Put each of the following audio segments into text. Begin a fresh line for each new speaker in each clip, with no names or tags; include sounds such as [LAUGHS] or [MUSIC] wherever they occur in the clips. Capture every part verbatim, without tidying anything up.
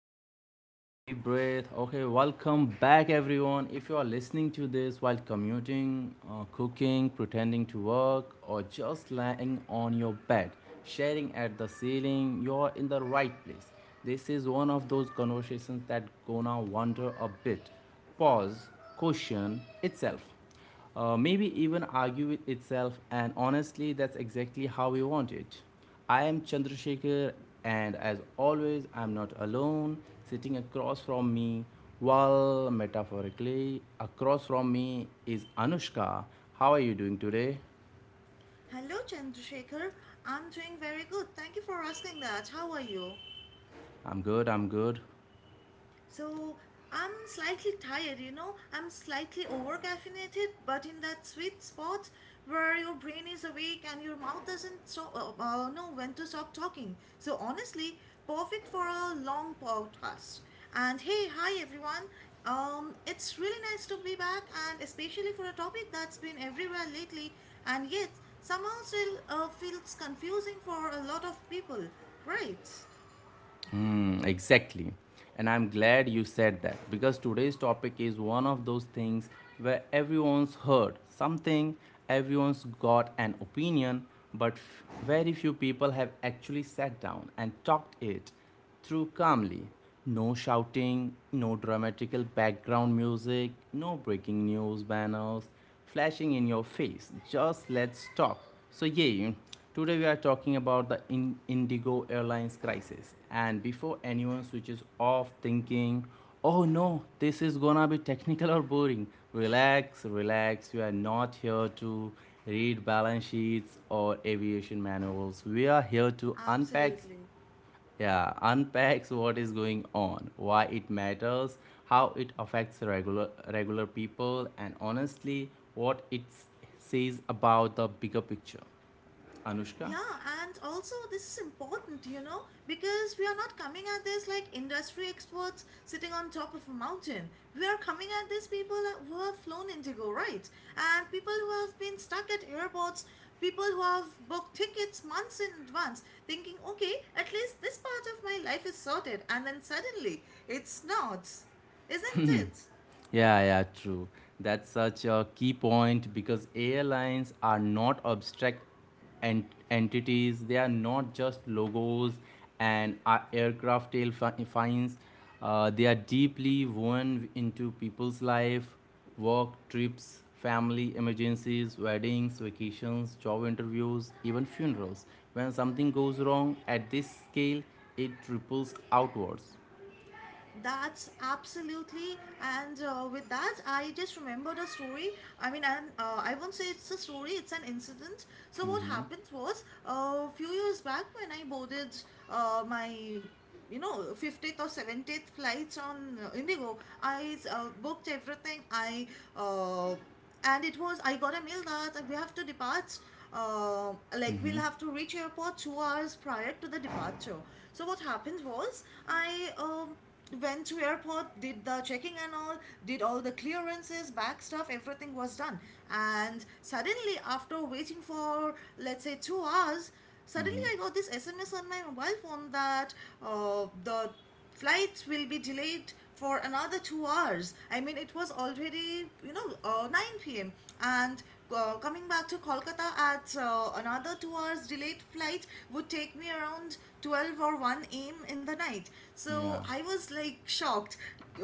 right, all right. Deep breath. Okay, welcome back, everyone. If you are listening to this while commuting, uh, cooking, pretending to work, or just lying on your bed, sharing at the ceiling, you're in the right place. This is one of those conversations that gonna wander a bit, pause, question itself, uh, maybe even argue with itself, and honestly, that's exactly how we want it. I am Chandrasekhar, and as always, I'm not alone. Sitting across from me, well, metaphorically, across from me is Anushka. How are you doing today?
Hello, Chandrasekhar. I'm doing very good. Thank you for asking that. How are you?
I'm good, I'm good.
So I'm slightly tired, you know. I'm slightly over caffeinated, but in that sweet spot where your brain is awake and your mouth doesn't stop, uh, uh, know when to stop talking. So honestly, perfect for a long podcast. And hey, hi everyone. Um, it's really nice to be back, and especially for a topic that's been everywhere lately, and yet somehow still uh, feels confusing for a lot of people, right?
Hmm, exactly. And I'm glad you said that because today's topic is one of those things where everyone's heard something, everyone's got an opinion, but f- very few people have actually sat down and talked it through calmly. No shouting, no dramatical background music, no breaking news banners flashing in your face. Just let's talk. So, yeah, today we are talking about the in- Indigo Airlines crisis. And before anyone switches off thinking, oh no, this is gonna be technical or boring, relax, relax. We are not here to read balance sheets or aviation manuals. We are here to unpack,
Absolutely.
yeah, unpacks what is going on, why it matters, how it affects regular regular people, and honestly what it s- says about the bigger picture, Anushka.
Yeah, and also this is important, you know, because we are not coming at this like industry experts sitting on top of a mountain. We are coming at this people who have flown Indigo, right? And people who have been stuck at airports, people who have booked tickets months in advance, thinking, okay, at least this part of my life is sorted, and then suddenly it's not, isn't it?
Yeah, yeah, true. That's such a key point because airlines are not abstract ent- entities. They are not just logos and uh, aircraft tail fi- fines. Uh, they are deeply woven into people's life, work, trips, family, emergencies, weddings, vacations, job interviews, even funerals. When something goes wrong at this scale, it ripples outwards.
That's absolutely, and uh, with that, I just remembered a story. I mean, and uh, I won't say it's a story; it's an incident. So what happened was, a few years back when I boarded uh, my, you know, fiftieth or seventieth flights on uh, Indigo, I uh, booked everything. I uh, and it was I got a mail that we have to depart, uh, like we'll have to reach airport two hours prior to the departure. So what happened was, i um, went to airport, did the checking and all, did all the clearances, bag stuff, everything was done. And suddenly, after waiting for let's say two hours, suddenly I got this SMS on my mobile phone that, uh, the flights will be delayed for another two hours. I mean, it was already, you know, uh, nine p m. And uh, coming back to Kolkata at uh, another two hours delayed flight would take me around twelve or one a m in the night.
Yeah.
So I was like shocked.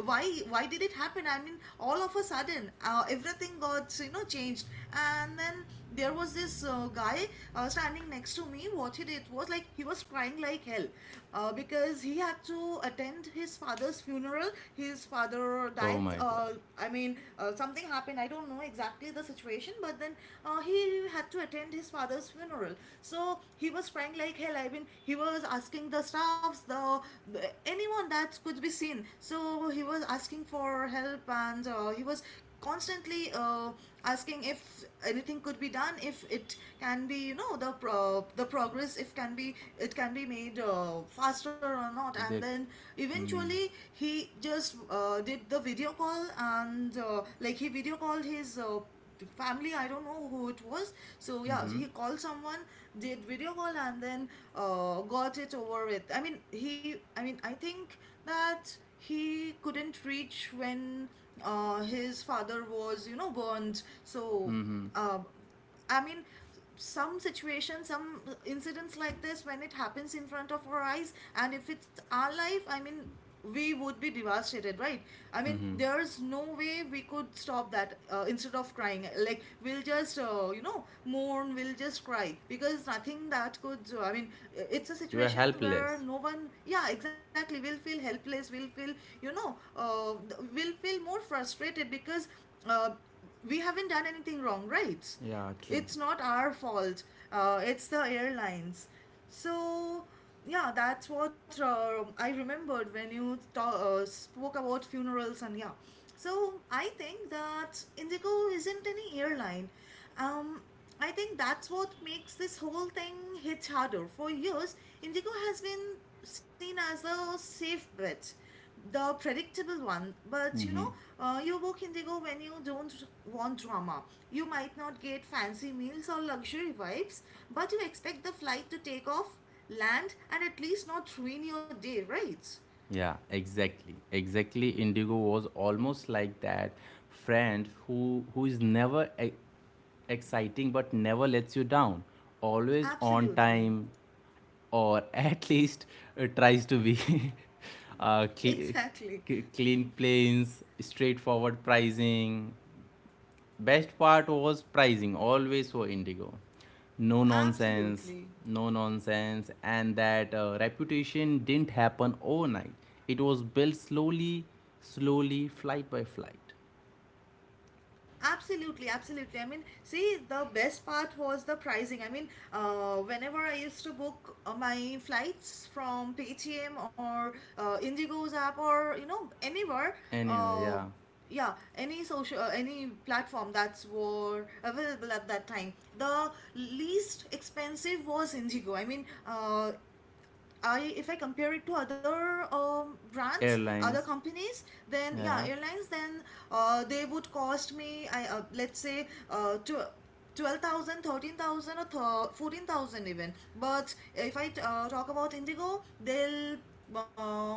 Why, why did it happen? I mean, all of a sudden, uh, everything got, you know, changed. And then there was this uh, guy uh, standing next to me. What he did was like he was crying like hell uh, because he had to attend his father's funeral. His father
Oh
died.
my God.
Uh, I mean, uh, something happened. I don't know exactly the situation, but then uh, he had to attend his father's funeral. So he was crying like hell. I mean, he was asking the staffs, the the anyone that could be seen. So he was asking for help, and uh, he was constantly uh, asking if anything could be done, if it can be, you know the pro- the progress, if can be it can be made uh, faster or not. And
They.
then
Mm.
eventually he just uh, did the video call and uh, like he video called his uh, family, I don't know who it was. So yeah, so
Mm-hmm.
he called someone, did video call, and then uh, got it over with. I mean, he i mean I think that he couldn't reach when uh, his father was, you know burned. So, um, I mean, some situations, some incidents like this, when it happens in front of our eyes, and if it's our life, I mean, we would be devastated, right? I mean, there's no way we could stop that, uh, instead of crying. Like, we'll just, uh, you know, mourn, we'll just cry because nothing that could, do. I mean, it's a
You are
situation where
helpless.
no one, yeah, exactly, we'll feel helpless, we'll feel, you know, uh, we'll feel more frustrated because uh, we haven't done anything wrong, right?
Yeah, true.
It's not our fault. Uh, it's the airlines. So yeah, that's what uh, I remembered when you ta- uh, spoke about funerals and yeah. So I think that Indigo isn't any airline. Um, I think that's what makes this whole thing hit harder. For years, Indigo has been seen as a safe bet, the predictable one. But you know uh, you book Indigo when you don't want drama. You might not get fancy meals or luxury vibes, but you expect the flight to take off, land, and at least not ruin your day, right?
Yeah, exactly. Exactly. Indigo was almost like that friend who who is never e- exciting but never lets you down. Always on
Absolutely.
time, or [LAUGHS] at least uh, tries to be. [LAUGHS]
[LAUGHS]
uh, cle-
Exactly.
c- clean planes, straightforward pricing. Best part was pricing, always for Indigo. No nonsense,
Absolutely.
no nonsense, and that uh, reputation didn't happen overnight. It was built slowly, slowly, flight by flight.
Absolutely, absolutely. I mean, see, the best part was the pricing. I mean, uh, whenever I used to book uh, my flights from Paytm or uh, Indigo's app or you know anywhere,
Anyway,
uh,
yeah,
yeah, any social, uh, any platform that's were available at that time. The least expensive was Indigo. I mean, uh, I if I compare it to other um, brands, other
airlines,
companies, then yeah,
yeah,
airlines, then uh, they would cost me, I uh, let's say, uh, to. twelve thousand, thirteen thousand, or th- fourteen thousand even. But if I uh, talk about Indigo, they'll um,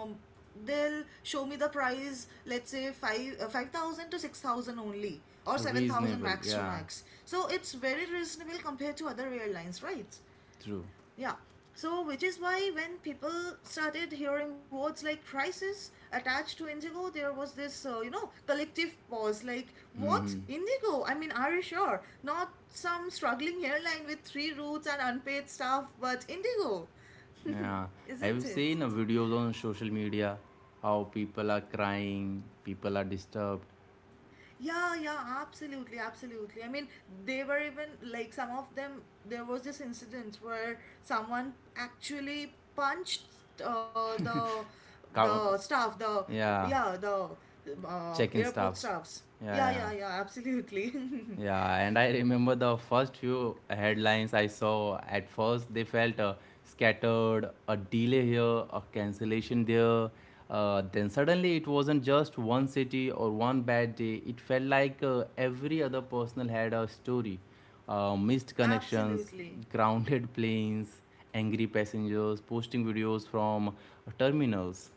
they'll show me the price, let's say five uh, five thousand to six thousand only or seven thousand
reasonable,
max to
yeah,
max. So it's very reasonable compared to other airlines, right?
true.
Yeah. So, which is why when people started hearing words like crisis attached to Indigo, there was this, uh, you know, collective pause like, what?
Mm-hmm.
Indigo? I mean, are you sure? Not some struggling airline with three routes and unpaid staff, but Indigo.
Yeah,
[LAUGHS]
have you
Isn't it?
seen uh, videos on social media, how people are crying, people are disturbed,
Yeah, yeah, absolutely, absolutely. I mean, they were even like some of them. There was this incident where someone actually punched, uh, the
cow-
the staff, the
yeah,
yeah, the uh,
check-in
airport
staffs,
staffs.
yeah,
Yeah,
yeah.
yeah, yeah, absolutely,
Yeah, and I remember the first few headlines I saw. At first, they felt uh, scattered, a delay here, a cancellation there. Uh, then suddenly, it wasn't just one city or one bad day. It felt like uh, every other personal had a story. Uh, missed
[LAUGHS]
connections,
absolutely.
[LAUGHS] grounded planes, angry passengers, posting videos from uh, terminals.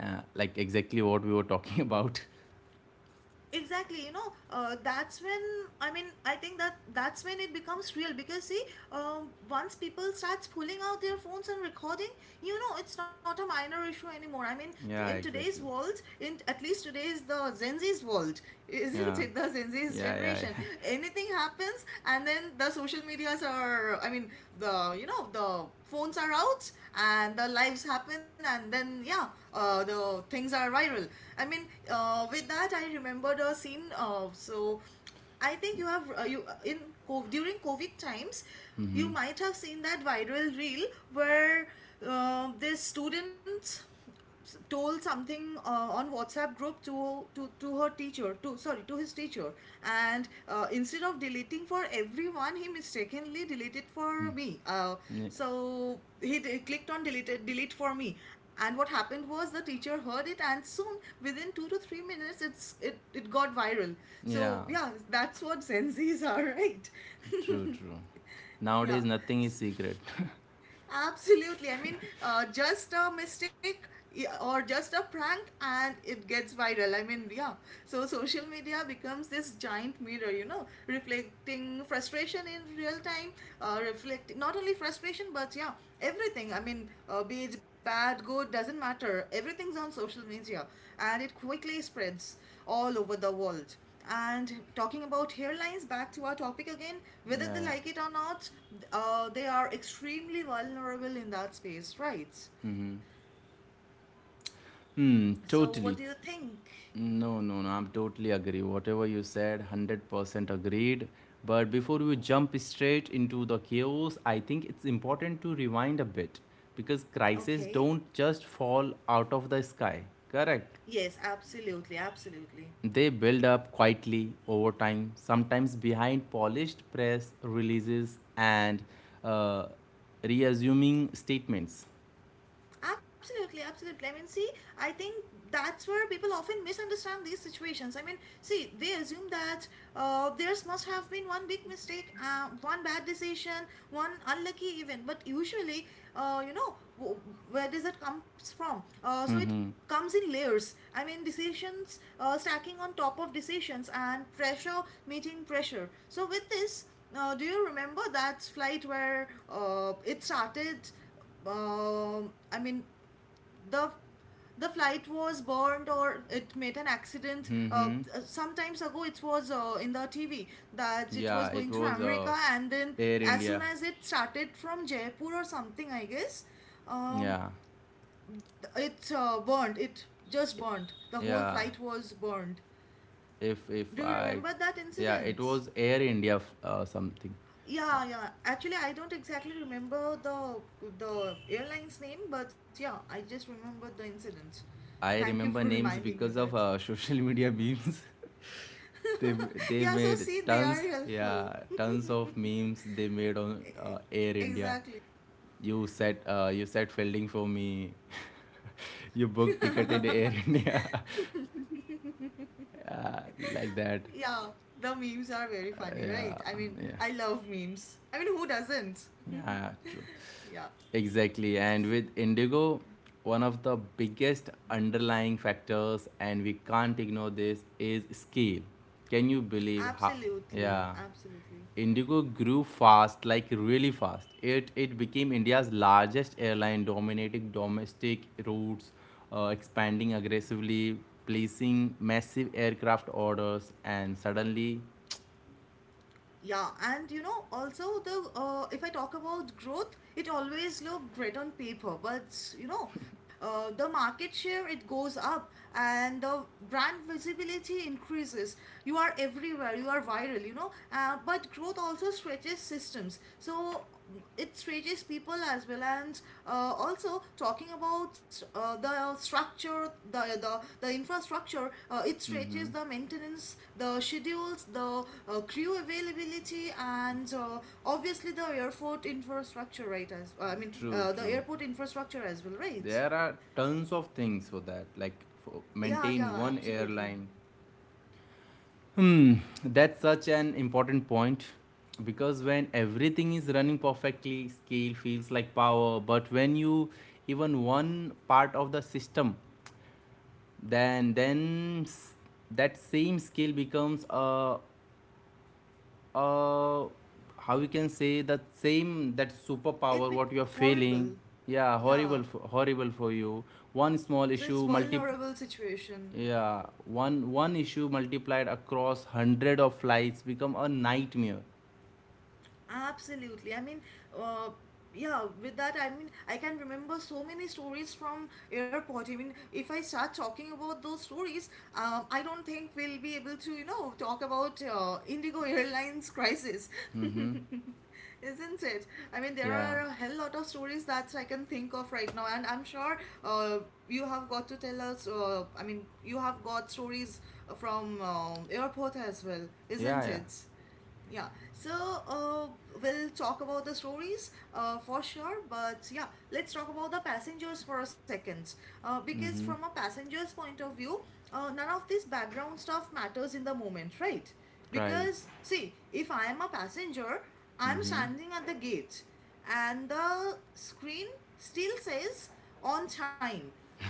Uh, like exactly what we were talking [LAUGHS] about.
Exactly, you know uh, that's when, I mean, I think that that's when it becomes real because, see, um, once people starts pulling out their phones and recording, you know it's not a minor issue anymore. I mean, in
Yeah,
today's
exactly.
world, in at least today's, the Gen Z's world, [LAUGHS] isn't
Yeah,
it, the Gen Z's
yeah, yeah,
generation?
yeah.
Anything happens, and then the social medias are I mean, the you know the phones are out and the lives happen and then yeah, uh, the things are viral. I mean, uh, with that, I remembered a scene. Uh, so I think you
[LAUGHS]
have uh, you uh, in co- during COVID times you
Mm-hmm.
might have seen that viral reel where, uh, this student s- told something uh, on WhatsApp group to to to her teacher, to, sorry, to his teacher, and uh, instead of deleting for everyone he mistakenly deleted for me. Uh,
Ye-
so he d- clicked on deleted delete for me, and what happened was the teacher heard it, and soon within two to three minutes it's it it got viral.
Yeah,
So yeah, that's what Gen Z's are, [LAUGHS] right?
true, true.
[LAUGHS] Yeah.
Nowadays, nothing is secret.
Absolutely. I mean, uh, just a mistake, yeah, or just a prank and it gets viral. I mean, yeah. So social media becomes this giant mirror, you know, reflecting frustration in real time, uh, reflecting not only frustration, but yeah, everything. I mean, uh, be it bad, good, doesn't matter. Everything's on social media and it quickly spreads all over the world. And talking about hairlines, back to our topic again,
Yeah,
whether they
yeah.
like it or not, uh, they are extremely vulnerable in that space, right?
Hmm,
So, what do
totally.
you think?
No, no, no, I'm totally agree. Whatever you said, one hundred percent agreed. But before we jump straight into the chaos, I think it's important to rewind a bit because crises
Okay.
don't just fall out of the sky, correct?
Yes, absolutely, absolutely.
They build up quietly over time, sometimes behind polished press releases and uh, reassuming statements.
Absolutely, absolutely. I mean, see, I think that's where people often misunderstand these situations. I mean, see, they assume that, uh, theirs must have been one big mistake, uh, one bad decision, one unlucky event. But usually, uh, you know, w- where does it comes from? Uh, so it
Mm-hmm.
comes in layers. I mean, decisions uh, stacking on top of decisions and pressure meeting pressure. So with this, uh, do you remember that flight where uh, it started? um I mean, the the flight was burned, or it made an accident. Uh,
Mm-hmm.
uh, some times ago, it was uh, in the T V that it
Yeah,
was
it
going to
was uh,
America, and then
Air
as
India.
soon as it started from Jaipur or something, I guess,
Yeah,
um, th- it uh, burned. It just burned. The whole
yeah.
flight was burned.
If if
Do you
I,
remember that
yeah, it
incident?
was Air India f- uh, something.
Yeah, yeah. Actually, I don't exactly remember the the airline's name, but yeah, I just remember the incident.
I
Thank you for [LAUGHS]
remember names
reminding me
because
that.
of uh, [LAUGHS] social media memes. [LAUGHS] they
[LAUGHS]
they
Yeah, so
made
see, they are
tons,
helpful.
yeah,
[LAUGHS]
tons of memes they made on
E-
uh, Air India.
Exactly.
You set uh, you set fielding for me. [LAUGHS] You booked ticket in
[LAUGHS]
Air India, [LAUGHS] uh, like that.
Yeah, the memes are very
Uh,
funny,
yeah,
right? I mean,
yeah.
I love memes. I mean, who doesn't?
Yeah, true.
Yeah,
Exactly. And with Indigo, one of the biggest underlying factors, and we can't ignore this, is scale. Can you believe how?
absolutely,
Yeah.
absolutely.
Indigo grew fast, like really fast. It, it became India's largest airline, dominating domestic routes, uh, expanding aggressively, placing massive aircraft orders, and suddenly.
Yeah, and you know, also the uh, if I talk about growth, it always look great on paper. But you know, uh, the market share, it goes up, and the brand visibility increases. You are everywhere, you are viral, you know. Uh, but growth also stretches systems, so it reaches people as well. And uh, also talking about uh, the structure, the the, the infrastructure, uh, it reaches
Mhm.
the maintenance, the schedules, the uh, crew availability, and uh, obviously the airport infrastructure, right? As uh, I mean,
True,
uh, the
true.
airport infrastructure as well, right?
There are tons of things for that, like for
Yeah, yeah,
maintain one
absolutely.
airline. Hmm, that's such an important point because when everything is running perfectly, scale feels like power. But when you even one part of the system, then then s- that same scale becomes a a how we can say that same, that
It
superpower
be
what you are feeling,
horrible.
yeah
Yeah,
horrible for, horrible for you, one
so
small
it's
issue multi.
vulnerable situation.
Yeah, one one issue multiplied across hundred of flights become a nightmare.
Absolutely. I mean, uh, yeah, with that, I mean, I can remember so many stories from airport. I mean, if I start talking about those stories, um, I don't think we'll be able to, you know, talk about uh, Indigo Airlines crisis. [LAUGHS]
Mm-hmm.
Isn't it? I mean, there
Yeah,
are a hell lot of stories that I can think of right now, and I'm sure uh, you have got to tell us. Uh, I mean, you have got stories from um, airport as well,
yeah,
isn't
yeah.
it? Yeah, so uh, we'll talk about the stories uh, for sure, but yeah, let's talk about the passengers for a second. Uh, because from
Mm-hmm.
a passenger's point of view, uh, none of this background stuff matters in the moment, right?
Right.
Because, see, if I am a passenger, I'm
Mm-hmm.
standing at the gate and the screen still says on time.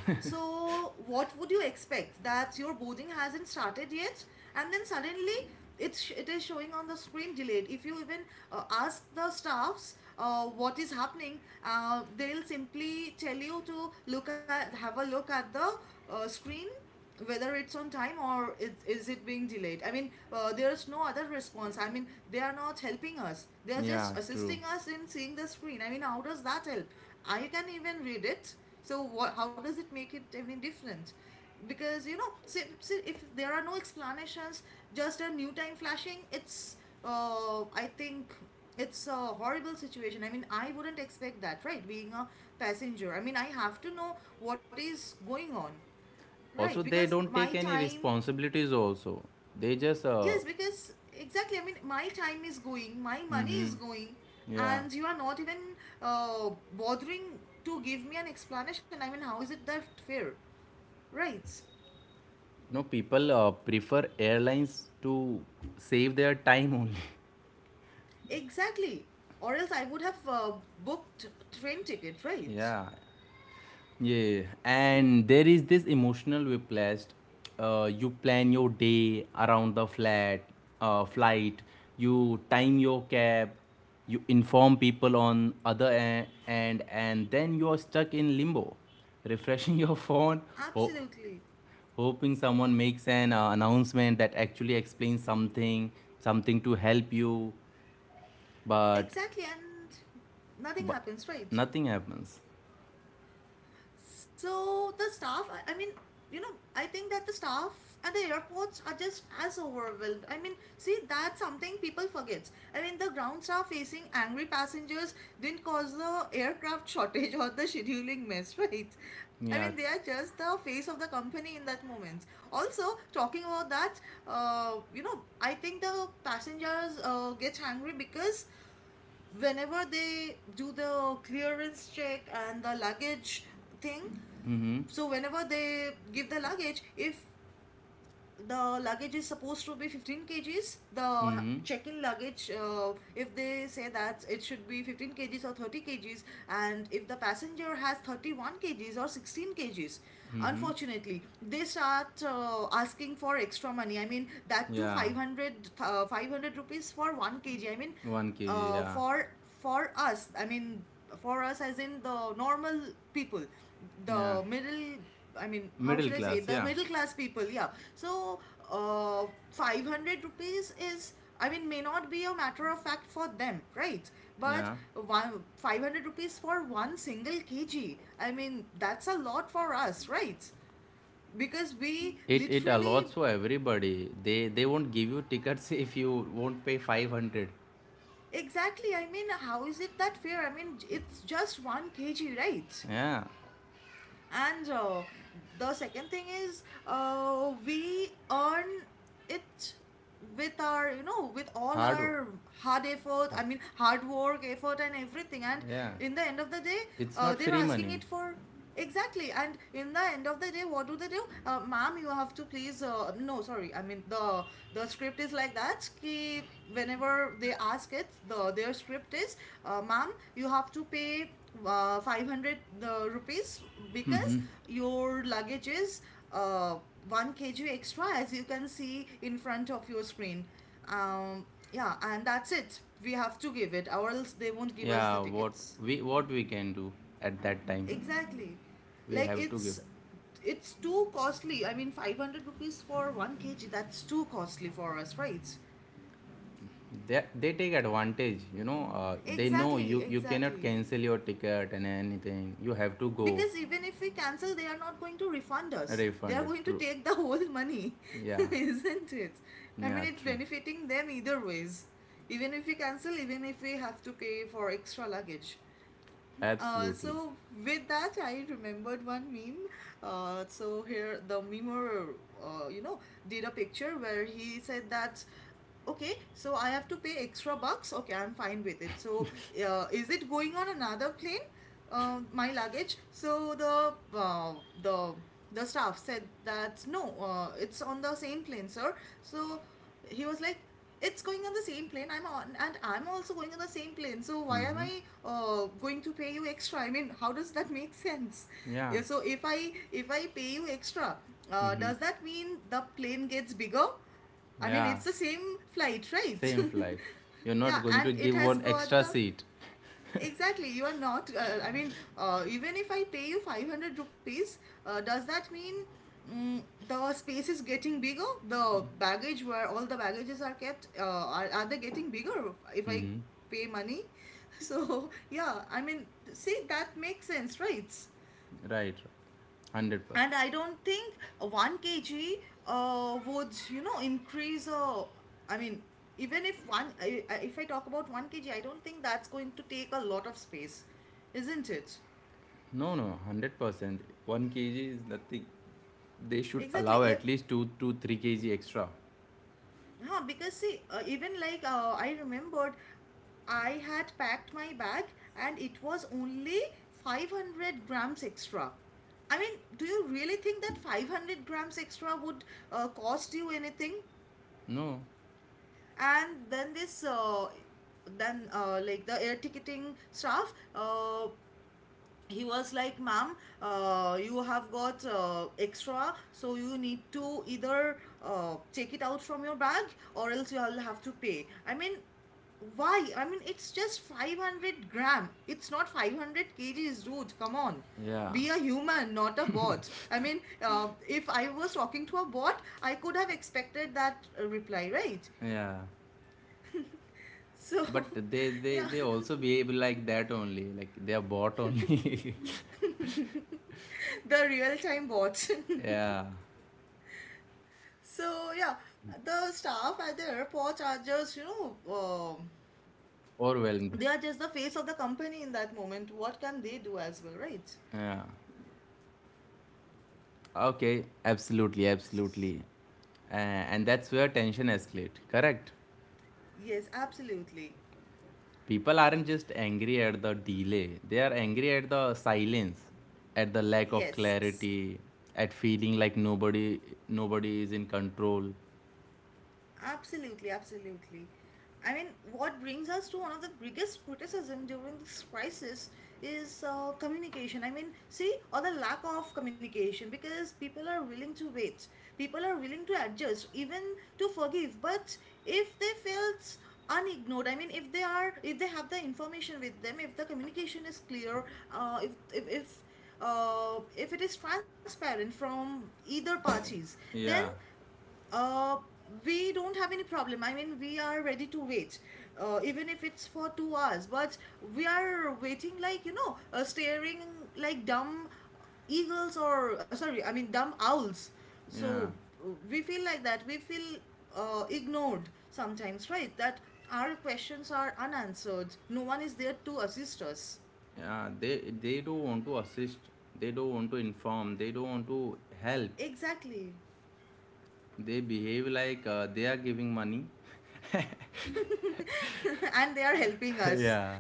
So, what would you expect? That your boarding hasn't started yet, and then suddenly it's it is showing on the screen delayed. If you even uh, ask the staffs uh, what is happening, uh, they'll simply tell you to look at have a look at the uh, screen whether it's on time or is, is it being delayed. I mean, uh, there's no other response. I mean, they are not helping us, they are
Yeah,
just
true.
assisting us in seeing the screen. I mean, how does that help? I can even read it. So what, how does it make it any different? Because you know, see, see if there are no explanations, just a new time flashing, it's uh, I think it's a horrible situation. I mean, I wouldn't expect that, right? Being a passenger, I mean, I have to know what is going on. Right,
Also,
because
they don't
my
take any
time,
responsibilities. Also, they just uh.
yes, because exactly, I mean, my time is going, my money is
Hmm.
going,
Yeah.
and you are not even uh, bothering to give me an explanation. I mean, how is it that fair? Right,
No, people uh, prefer airlines to save their time only.
exactly. Or else I would have uh, booked train ticket, right?
[LAUGHS] Yeah, yeah, and there is this emotional whiplash. Uh, you plan your day around the flat, uh, flight. You time your cab. You inform people on other e- end, and then you are stuck in limbo, refreshing [LAUGHS] your phone, ho-
Absolutely.
hoping someone makes an uh, announcement that actually explains something, something to help you, but
Exactly, and nothing
but
happens, right?
nothing happens.
So the staff, I, I mean, you know, I think that the staff at the airports are just as overwhelmed. I mean, see, that's something people forgets. I mean, the ground staff facing angry passengers didn't cause the aircraft [LAUGHS] shortage or the scheduling mess, [LAUGHS] right? I mean, they
Yeah.
are just the face of the company in that moment. Also, talking about that, uh, you know, I think the passengers uh, get angry because whenever they do the clearance check and the luggage thing,
Mm-hmm.
so whenever they give the luggage, if the luggage is supposed to be fifteen kgs, the
Mm-hmm.
check-in luggage, uh, if they say that it should be fifteen kgs or thirty kgs, and if the passenger has thirty-one kgs or sixteen kgs,
Mm-hmm.
unfortunately, they start uh, asking for extra money. I mean, that to
Yeah,
five hundred, uh, five hundred rupees for one kg. I mean,
one kilogram,
uh,
yeah,
for for us, I mean, for us as in the normal people,
yeah.
the middle, I mean, how
Middle
should I say,
class,
the
yeah,
middle class people, yeah. So, uh, five hundred rupees is, I mean, may not be a matter of fact for them, right? But
yeah.
one, five hundred rupees for one single kg, I mean, that's a lot for us, right? Because we
It it allots
literally,
for everybody. They they won't give you tickets [LAUGHS] if you won't pay five hundred.
exactly, I mean, how is it that fair? I mean, it's just one kg, right?
Yeah,
And uh, the second thing is, uh, we earn it with our, you know, with all
hard. wo-
our hard effort,
ah,
I mean, hard work, effort, and everything. And
yeah,
in the end of the day,
it's
uh,
not
they're
free
asking
money.
it for. Exactly. And in the end of the day, what do they do? Uh, ma'am, you have to please, uh, no, sorry, I mean, the, the script is like that ki whenever they ask it, the their script is uh, ma'am, you have to pay uh, five hundred uh, rupees because your luggage is uh, one kg extra, as you can see in front of your screen. um, yeah, and that's it. We have to give it or else they won't give us the
Yeah, what
tickets.
we what we can do at that time,
Exactly.
we
Like
have to give.
it's it's too costly. I mean, five hundred rupees for one kg, that's too costly for us, right?
They, they take advantage, you know. Uh, they know
Exactly,
you you cannot
exactly.
cancel your ticket and anything. You have to go
Because even if we cancel, they are not going to refund us. They
refund
are
it.
going to
True.
take the whole money, [LAUGHS]
Yeah,
isn't it? I mean,
yeah,
it's
true.
benefiting them either ways. Even if we cancel, even if we have to pay for extra luggage. Uh,
Absolutely.
so with that, I remembered one meme. Uh, so here the memer, uh, you know, did a picture where he said that, okay, so I have to pay extra bucks. Okay, I'm fine with it. So uh, is it going on another plane? Uh, my luggage. So the uh, the the staff said that no, uh, it's on the same plane, sir. So he was like, it's going on the same plane I'm on and I'm also going on the same plane, so why am
Mm-hmm.
I uh, going to pay you extra? I mean, how does that [LAUGHS] make sense?
Yeah.
Yeah, so if i if I pay you extra, uh,
Mm-hmm.
does that mean the plane gets bigger? I mean,
Yeah.
it's the same flight, right?
Same flight. You're
[LAUGHS] Yeah,
not going to
and it
give
has
one
got
extra
the,
seat.
exactly, you are not. Uh, I mean, uh, even if I pay you five hundred rupees, uh, does that mean, mm, the space is getting bigger? The baggage where all the baggages are kept, uh, are, are they getting bigger if I
Mm-hmm.
pay money? [LAUGHS] So, yeah, I mean, see, that makes sense, right?
Right. Hundred
And
percent.
I don't think one kg uh, would, you know, increase. Uh, I mean, even if one, I- I- if I talk about one kg, I don't think that's going to take a lot of space, isn't it?
No, no. Hundred percent. one kilogram is nothing. They should
Exactly.
allow
If,
at least two to three kilograms extra.
huh, because see, uh, even like uh, I remembered, I had packed my bag and it was only five hundred grams extra. I mean, do you really think that five hundred grams extra would uh, cost you anything?
No.
And then this uh, then uh, like the air ticketing staff uh, he was like, ma'am, uh, you have got uh, extra, so you need to either uh, take it out from your bag, or else you'll have to pay. I mean, why? I mean, it's just five hundred gram, it's not five hundred kgs, dude, come on.
Yeah.
Be a human, not a bot. I mean, uh, if I was talking to a bot, I could have expected that uh, reply, right?
Yeah.
So,
But they they
yeah,
they also behave like that only. Like they are bought only.
[LAUGHS] the real time watch.
[LAUGHS] Yeah.
[LAUGHS] So, yeah, the staff at the airport are just, you know, um
Overwhelmed.
they are just the face of the company in that moment. What can they do as well, right?
Yeah. Okay, absolutely, absolutely. Uh, and that's where tension escalates, correct?
Yes, absolutely.
People aren't just angry at the delay, they are angry at the silence, at the lack of
Yes.
clarity, at feeling like nobody nobody is in control.
Absolutely, absolutely. I mean, what brings us to one of the biggest criticism during this crisis is uh, communication. I mean, see, or the lack of communication, because people are willing to wait, people are willing to adjust, even to forgive. But if they felt unignored, I mean, if they are, if they have the information with them, if the communication is clear, uh, if if if uh, if it is transparent from either parties, then
Yeah,
uh, we don't have any problem. I mean, we are ready to wait, uh, even if it's for two hours. But we are waiting like, you know, uh, staring like dumb eagles or, uh, sorry, I mean, dumb owls. So
yeah,
uh, we feel like that. We feel uh, ignored sometimes, right? That our questions are unanswered. No one is there to assist us.
yeah. They they don't want to assist. They don't want to inform. They don't want to help.
Exactly.
They behave like uh, they are giving money.
[LAUGHS] And they are helping us.
[LAUGHS] Yeah.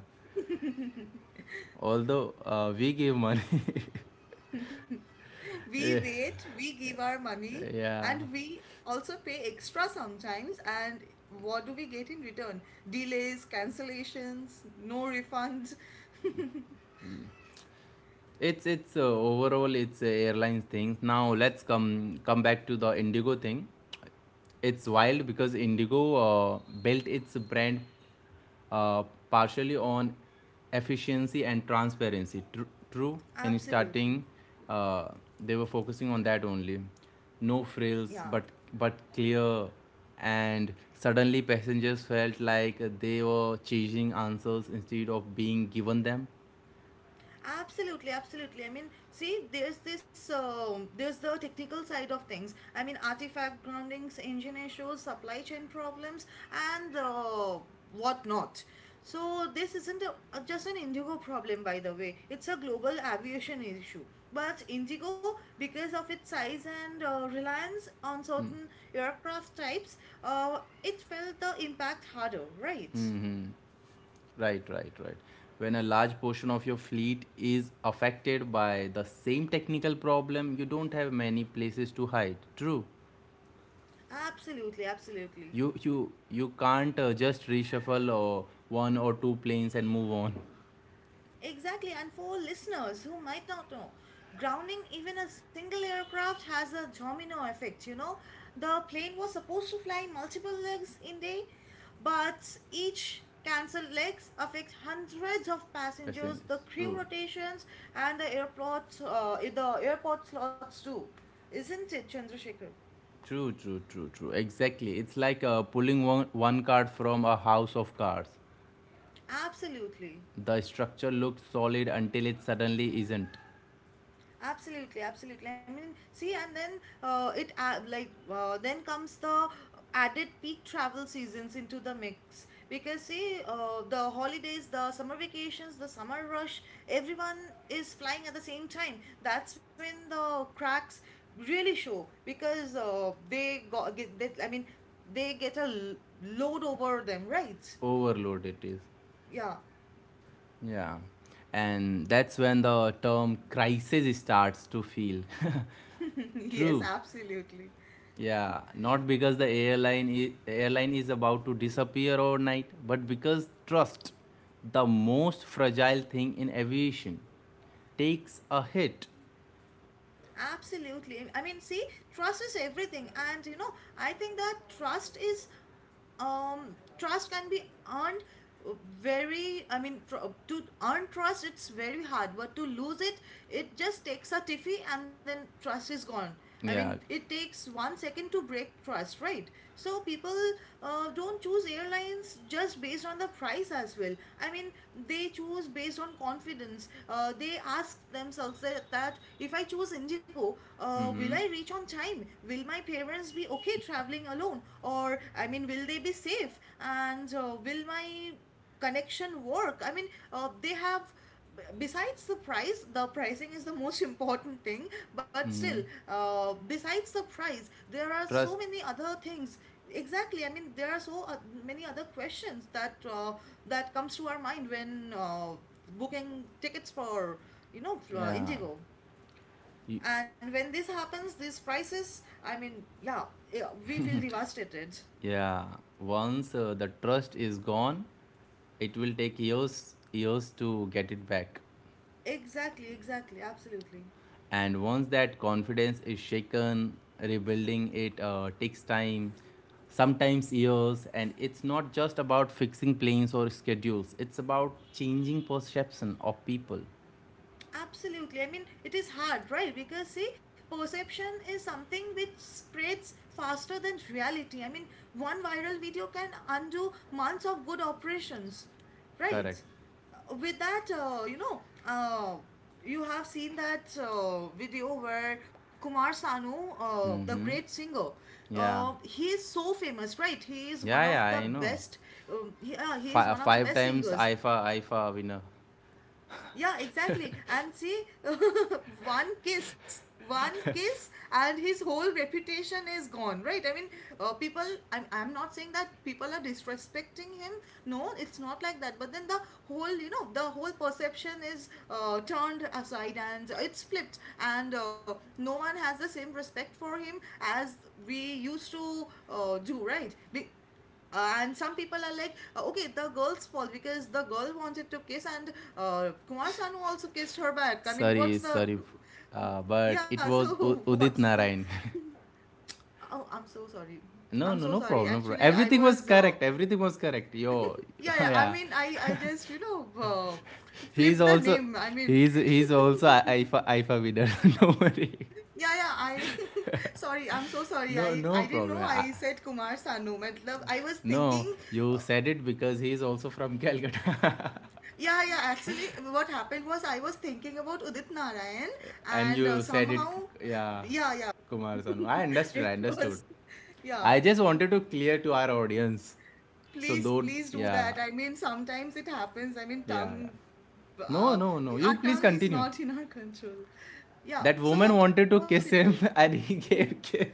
Although uh, we give money.
[LAUGHS] We
[LAUGHS] Yeah.
wait, we give our money,
Yeah.
and we also pay extra sometimes. And what do we get in return? Delays, cancellations, no refunds. [LAUGHS]
It's it's uh, overall it's uh, airlines thing. Now let's come come back to the Indigo thing. It's wild because Indigo uh, built its brand uh, partially on efficiency and transparency. Tru- true, in starting,
Absolutely.
uh, they were focusing on that only. No frills,
Yeah.
but but clear. And suddenly, passengers felt like they were chasing answers instead of being given them.
Absolutely, absolutely. I mean, see, there's this, uh, there's the technical side of things. I mean, artifact groundings, engine issues, supply chain problems, and uh, whatnot. So this isn't a, uh, just an Indigo problem, by the way. It's a global aviation issue. But Indigo, because of its size and uh, reliance on certain aircraft types, uh, it felt the impact harder, right?
Right, right, right. When a large portion of your fleet is affected by the same technical problem, you don't have many places to hide. True.
Absolutely, absolutely.
You you you can't uh, just reshuffle or one or two planes and move on.
Exactly, and for listeners who might not know, grounding even a single aircraft has a domino effect. You know, the plane was supposed to fly multiple legs in day, but each cancelled legs affect hundreds of passengers,
Passengers.
the crew
True.
rotations, and the airport, uh, the airport slots too. Isn't it, Chandrasekhar?
True, true, true, true. Exactly. It's like uh, pulling one, one card from a house of cards.
Absolutely.
The structure looks solid until it suddenly isn't.
Absolutely, absolutely. I mean, see, and then uh, it uh, like uh, then comes the added peak travel seasons into the mix, because see, uh, the holidays, the summer vacations, the summer rush, everyone is flying at the same time. That's when the cracks really show, because uh, they got get they, I mean, they get a l- load over them, right?
Overload it is.
Yeah. [LAUGHS]
Yeah, and that's when the term crisis starts to feel. [LAUGHS]
Yes,
True.
absolutely.
Yeah, not because the airline is, airline is about to disappear overnight, but because trust, the most fragile thing in aviation, takes a hit.
Absolutely. I mean, see, trust is everything. And, you know, I think that trust is um, trust can be earned uh, very, i mean tr- uh, to earn trust it's very hard, but to lose it, it just takes a tiffy and then trust is gone. I mean,
Yeah.
it takes one second to break trust, right? So people uh, don't choose airlines just based on the price as well. I mean, they choose based on confidence. Uh, they ask themselves that, that if I choose Indigo, uh, will I
Mm-hmm.
reach on time? Will will my parents be okay traveling alone? Or, I mean, will they be safe? And uh, will my connection work? I mean, uh, they have, besides the price, the pricing is the most [LAUGHS] important thing, but still,
Mm-hmm.
uh, besides the price, there are so
Trust.
many other things. Exactly. I mean, there are so uh, many other questions that uh, that comes to our mind when uh, booking tickets for, you know, uh,
Yeah.
Indigo.
Y-
And when this happens, these prices, I mean, yeah, yeah, we feel devastated.
Yeah. Once uh, the trust is gone, it will take years years to get it back.
Exactly, exactly, absolutely.
And once that confidence is shaken, rebuilding it uh, takes time, sometimes years. And it's not just about fixing planes or schedules, it's about changing perception of people.
Absolutely. I mean, it is hard, right? Because see, perception is something which spreads faster than reality. I mean, one viral video can undo months of good operations,
Correct.
right? Uh, With that, uh, you know, uh, you have seen that uh, video where Kumar Sanu, uh, the great
Mm-hmm.
singer,
Yeah.
uh, he is so famous, right? He is one
Yeah,
of
yeah,
the
I know.
best. Um, he, uh, he is
Fi- uh,
one of the
five
best
times
singers,
I F A, I F A winner.
yeah, exactly. And see, [LAUGHS] one kiss, one kiss, and his whole reputation is gone, right? I mean, uh, people, I'm, I'm not saying that people are disrespecting him. No, it's not like that. But then the whole, you know, the whole perception is uh, turned aside and it's flipped. And uh, no one has the same respect for him as we used to uh, do, right? Be- uh, and some people are like, uh, okay, the girl's fault because the girl wanted to kiss, and uh, Kumar Sanu also kissed her back. I mean,
Sorry,
what's the.
sorry. Uh, but
Yeah,
it
so
was
[LAUGHS]
U-
what's
Udit
the.
Narayan.
Oh, I'm so sorry.
[LAUGHS] No,
I'm
no,
so
no
sorry.
problem, bro.
Actually, I
Everything was
was. Uh,
correct. Everything was correct. Yo,
yeah,
[LAUGHS]
yeah, I
yeah.
mean, I, I
[LAUGHS]
just, you know, uh,
He's
flipped the
also
name. I mean,
he's he's
[LAUGHS]
also I- IFA I F A winner. [LAUGHS] No worry.
yeah, yeah, I. [LAUGHS] sorry, I'm so sorry. I,
No
I
no
didn't know
problem.
I
I,
said Kumar Sanu. Matlab, I was thinking.
no,
uh,
you said it because he's also from Calcutta,
Yeah, yeah. Actually, what happened was I was thinking about Udit Narayan,
[LAUGHS] and
and uh,
you said it.
somehow,
Yeah,
yeah, yeah,
Kumar Sanu. I
[LAUGHS] it
understood. I
was,
understood.
yeah.
I just wanted to clear to our audience. So
Please,
though,
please do
yeah,
that. I mean, sometimes it happens. I mean,
yeah, yeah.
tongue,
No,
uh,
no, no. You
our
please
tongue is
continue.
not in our control. Yeah,
That
so
woman wanted
that's
to
what it
kiss
is.
him, [LAUGHS] and he gave kiss.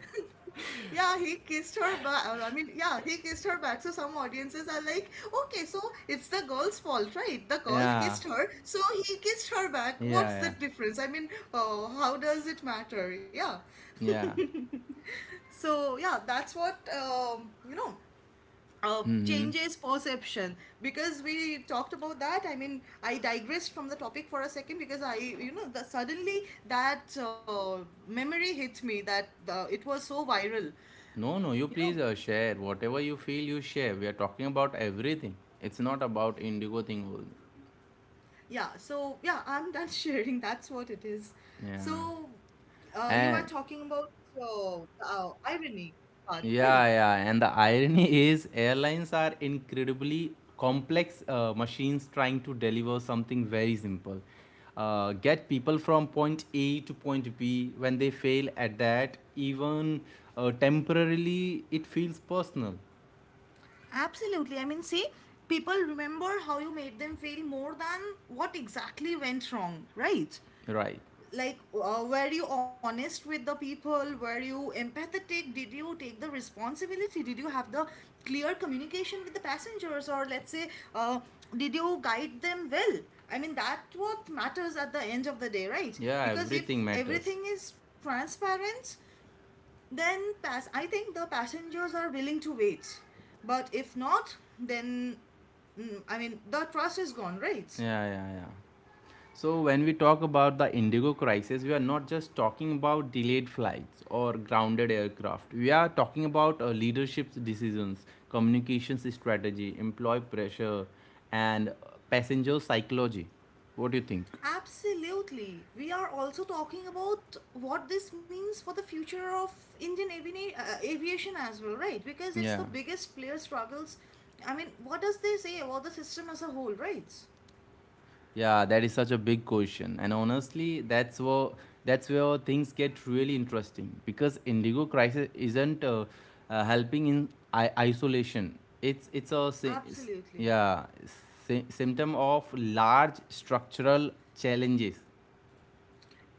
Yeah, he kissed her back. I mean, yeah, he kissed her back. So some audiences are like, okay, so it's the girl's fault, right? The girl
Yeah,
kissed her, so he kissed her back.
yeah,
What's the
yeah,
difference? I mean, oh, how does it matter? Yeah.
yeah.
So yeah, that's what um, you know. Uh, changes perception because we talked about that. I mean, I digressed from the topic for a second because I, you know, the, suddenly that uh, memory hits me that the, it was so viral,
No, no, you
you
please
know.
uh, share. Whatever you feel, you share. We are talking about everything. It's not about Indigo thing only.
Yeah, so yeah, I'm done [LAUGHS] sharing. That's what it is.
Yeah.
So, uh, you are
And
talking about uh, uh, irony part, right?
yeah, yeah. And the irony [LAUGHS] is, airlines are incredibly complex uh, machines trying to deliver something very simple. Uh, get people from point A to point B. When they fail at that, even uh, temporarily, it feels personal.
Absolutely. I mean, see, people remember how you made them feel more than what exactly went wrong, right?
Right.
Like, uh, were you honest with the people? Were you empathetic? Did you take the responsibility? Did you have the clear communication with the passengers? Or let's say, uh, did you guide them well? I mean, that's what matters at the end of the day, right?
Yeah,
Because if
everything matters.
everything is transparent, then pass I think the passengers are willing to wait, but if not, then mm, I mean, the trust is gone, right?
Yeah, yeah, yeah. So, when we talk about the Indigo crisis, we are not just talking about delayed flights or grounded aircraft. We are talking about uh, leadership's decisions, communications strategy, employee pressure, and uh, passenger psychology. What do you think?
Absolutely. We are also talking about what this means for the future of Indian avina- uh, aviation as well, right? Because it's the
Yeah.
biggest player struggles. I mean, what does they say about the system as a whole, right?
Yeah, that is such a big question. And honestly, that's where that's where things get really interesting because Indigo crisis isn't uh, uh, helping in I- isolation. It's it's a sy- s-
Absolutely.
yeah, sy- symptom of large structural challenges.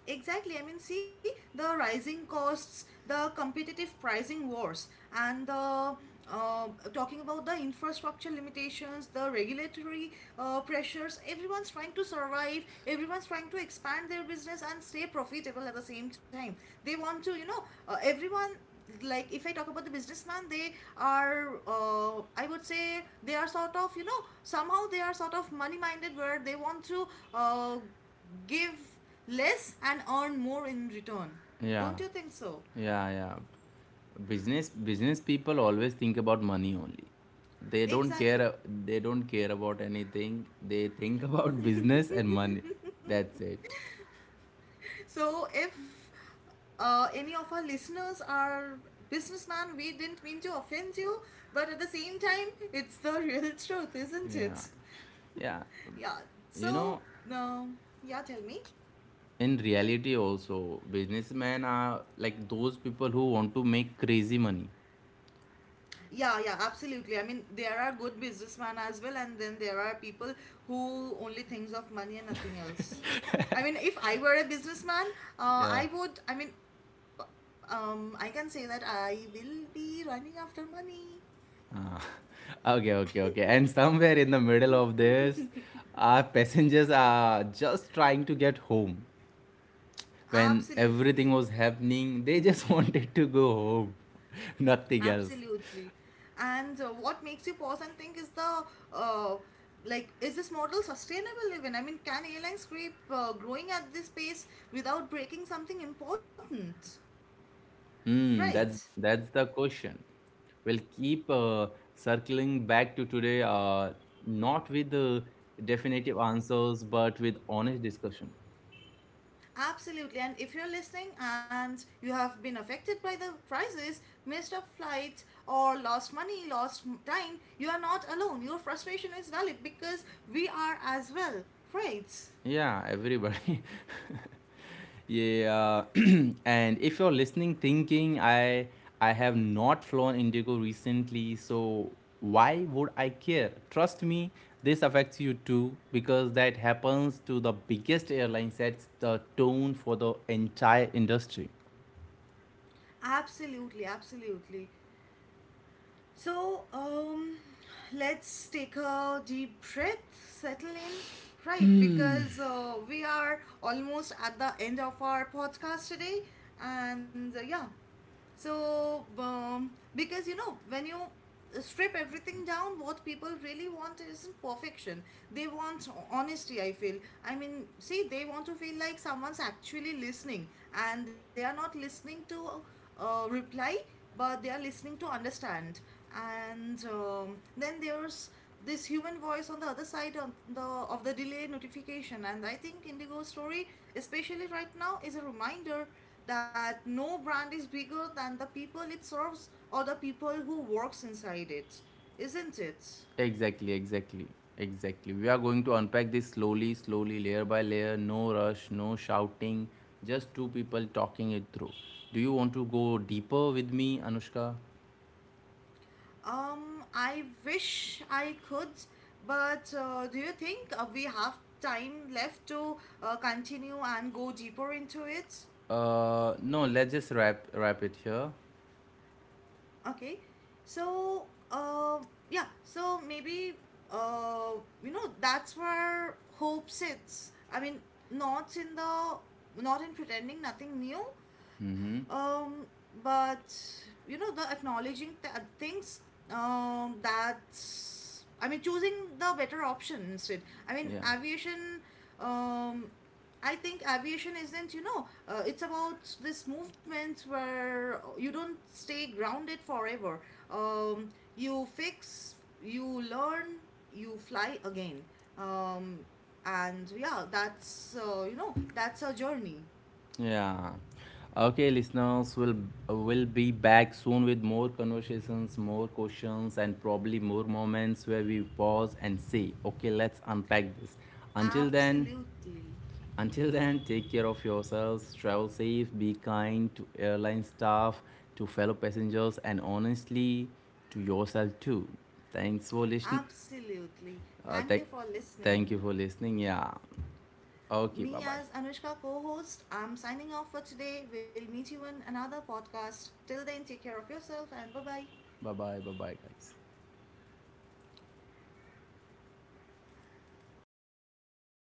Exactly. I mean, see the rising costs, the competitive pricing wars, and the uh, talking about the infrastructure limitations, the regulatory uh, pressures. Everyone's trying to survive. Everyone's trying to expand their business and stay profitable at the same time. They want to, you know, uh, everyone. Like, if I talk about the businessman, they are, uh, I would say, they are sort of, you know, somehow they are sort of money minded, where they want to uh, give less and earn more in return. Don't you
Yeah.
think so?
Yeah, yeah. Business business people always think about money only. They don't
Exactly.
care they don't care about anything. They think [LAUGHS] about business and money. That's it.
So if uh, any of our listeners are businessman, we didn't mean to offend you, but at the same time, it's the real [LAUGHS] truth, isn't it?
Yeah. Yeah,
Yeah.
you
So,
know,
um, yeah, tell me.
in reality also, businessmen are like those people who want to make crazy money.
Yeah, yeah, absolutely. I mean, there are good businessmen as well, and then there are people who only thinks of money and nothing else. I mean, if I were a businessman, uh,
Yeah.
I would. I mean, um, I can say that I will be running after money.
Ah, [LAUGHS] okay, okay, okay. And somewhere in the middle of this, our passengers are just trying to get home. When
Absolutely,
everything was happening, they just [LAUGHS] wanted to go home, [LAUGHS] nothing else.
absolutely. And uh, what makes you pause and think is the uh, like, is this model sustainable? Even, I mean, can airlines keep uh, growing at this pace without breaking something important?
Hmm,
Right.
that's that's the question. We'll keep uh, circling back to today, uh, not with uh, definitive answers, but with honest discussion.
Absolutely. And if you're listening and you have been affected by the crisis, missed a flight, or lost money, lost m- time, you are not alone. Your frustration is valid because we are as well, right?
Yeah, everybody. [LAUGHS] Yeah, [CLEARS THROAT] and if you're listening, thinking I I have not flown Indigo recently, so why would I care? Trust me, this affects you too because that happens to the biggest airline sets the tone for the entire industry.
Absolutely. Absolutely. So, um, let's take a deep breath, settle in, right? Because uh, we are almost at the end of our podcast today. And uh, yeah, so, um, because you know, when you strip everything down, what people really want isn't perfection. They want honesty, I feel. I mean, see, they want to feel like someone's actually listening, and they are not listening to uh, reply, but they are listening to understand. And um, then there's this human voice on the other side of the of the delay notification. And I think Indigo story, especially right now, is a reminder that no brand is bigger than the people it serves or the people who works inside it, isn't it?
Exactly, exactly, exactly. We are going to unpack this slowly, slowly, layer by layer. No rush, no shouting, just two people talking it through. Do you want to go deeper with me, Anushka?
um I wish I could, but uh, do you think uh, we have time left to uh, continue and go deeper into it?
Uh, no, let's just wrap wrap it here.
Okay. So, uh, yeah. So maybe, uh, you know, that's where hope sits. I mean, not in the, not in pretending nothing new,
Mm-hmm.
um but, you know, the acknowledging th- things, um that's, I mean, choosing the better option instead. I mean,
Yeah,
aviation, um I think aviation isn't, you know, uh, it's about this movement where you don't stay grounded forever. um you fix, you learn, you fly again. um and yeah, that's uh, you know, that's a journey.
yeah. Okay, listeners, we'll will be back soon with more conversations, more questions, and probably more moments where we pause and say, "Okay, let's unpack this." Until then,
Absolutely.
until then, take care of yourselves, travel safe, be kind to airline staff, to fellow passengers, and honestly, to yourself too. Thanks for listening.
Absolutely.
Uh,
Thank you
thank,
for
thank
listening.
you for listening. Yeah. Okay. Bye
Me
bye.
as Anushka co host, I'm signing off for today. We'll meet you in another podcast. Till then, take care of yourself and bye bye.
Bye bye. Bye bye, guys.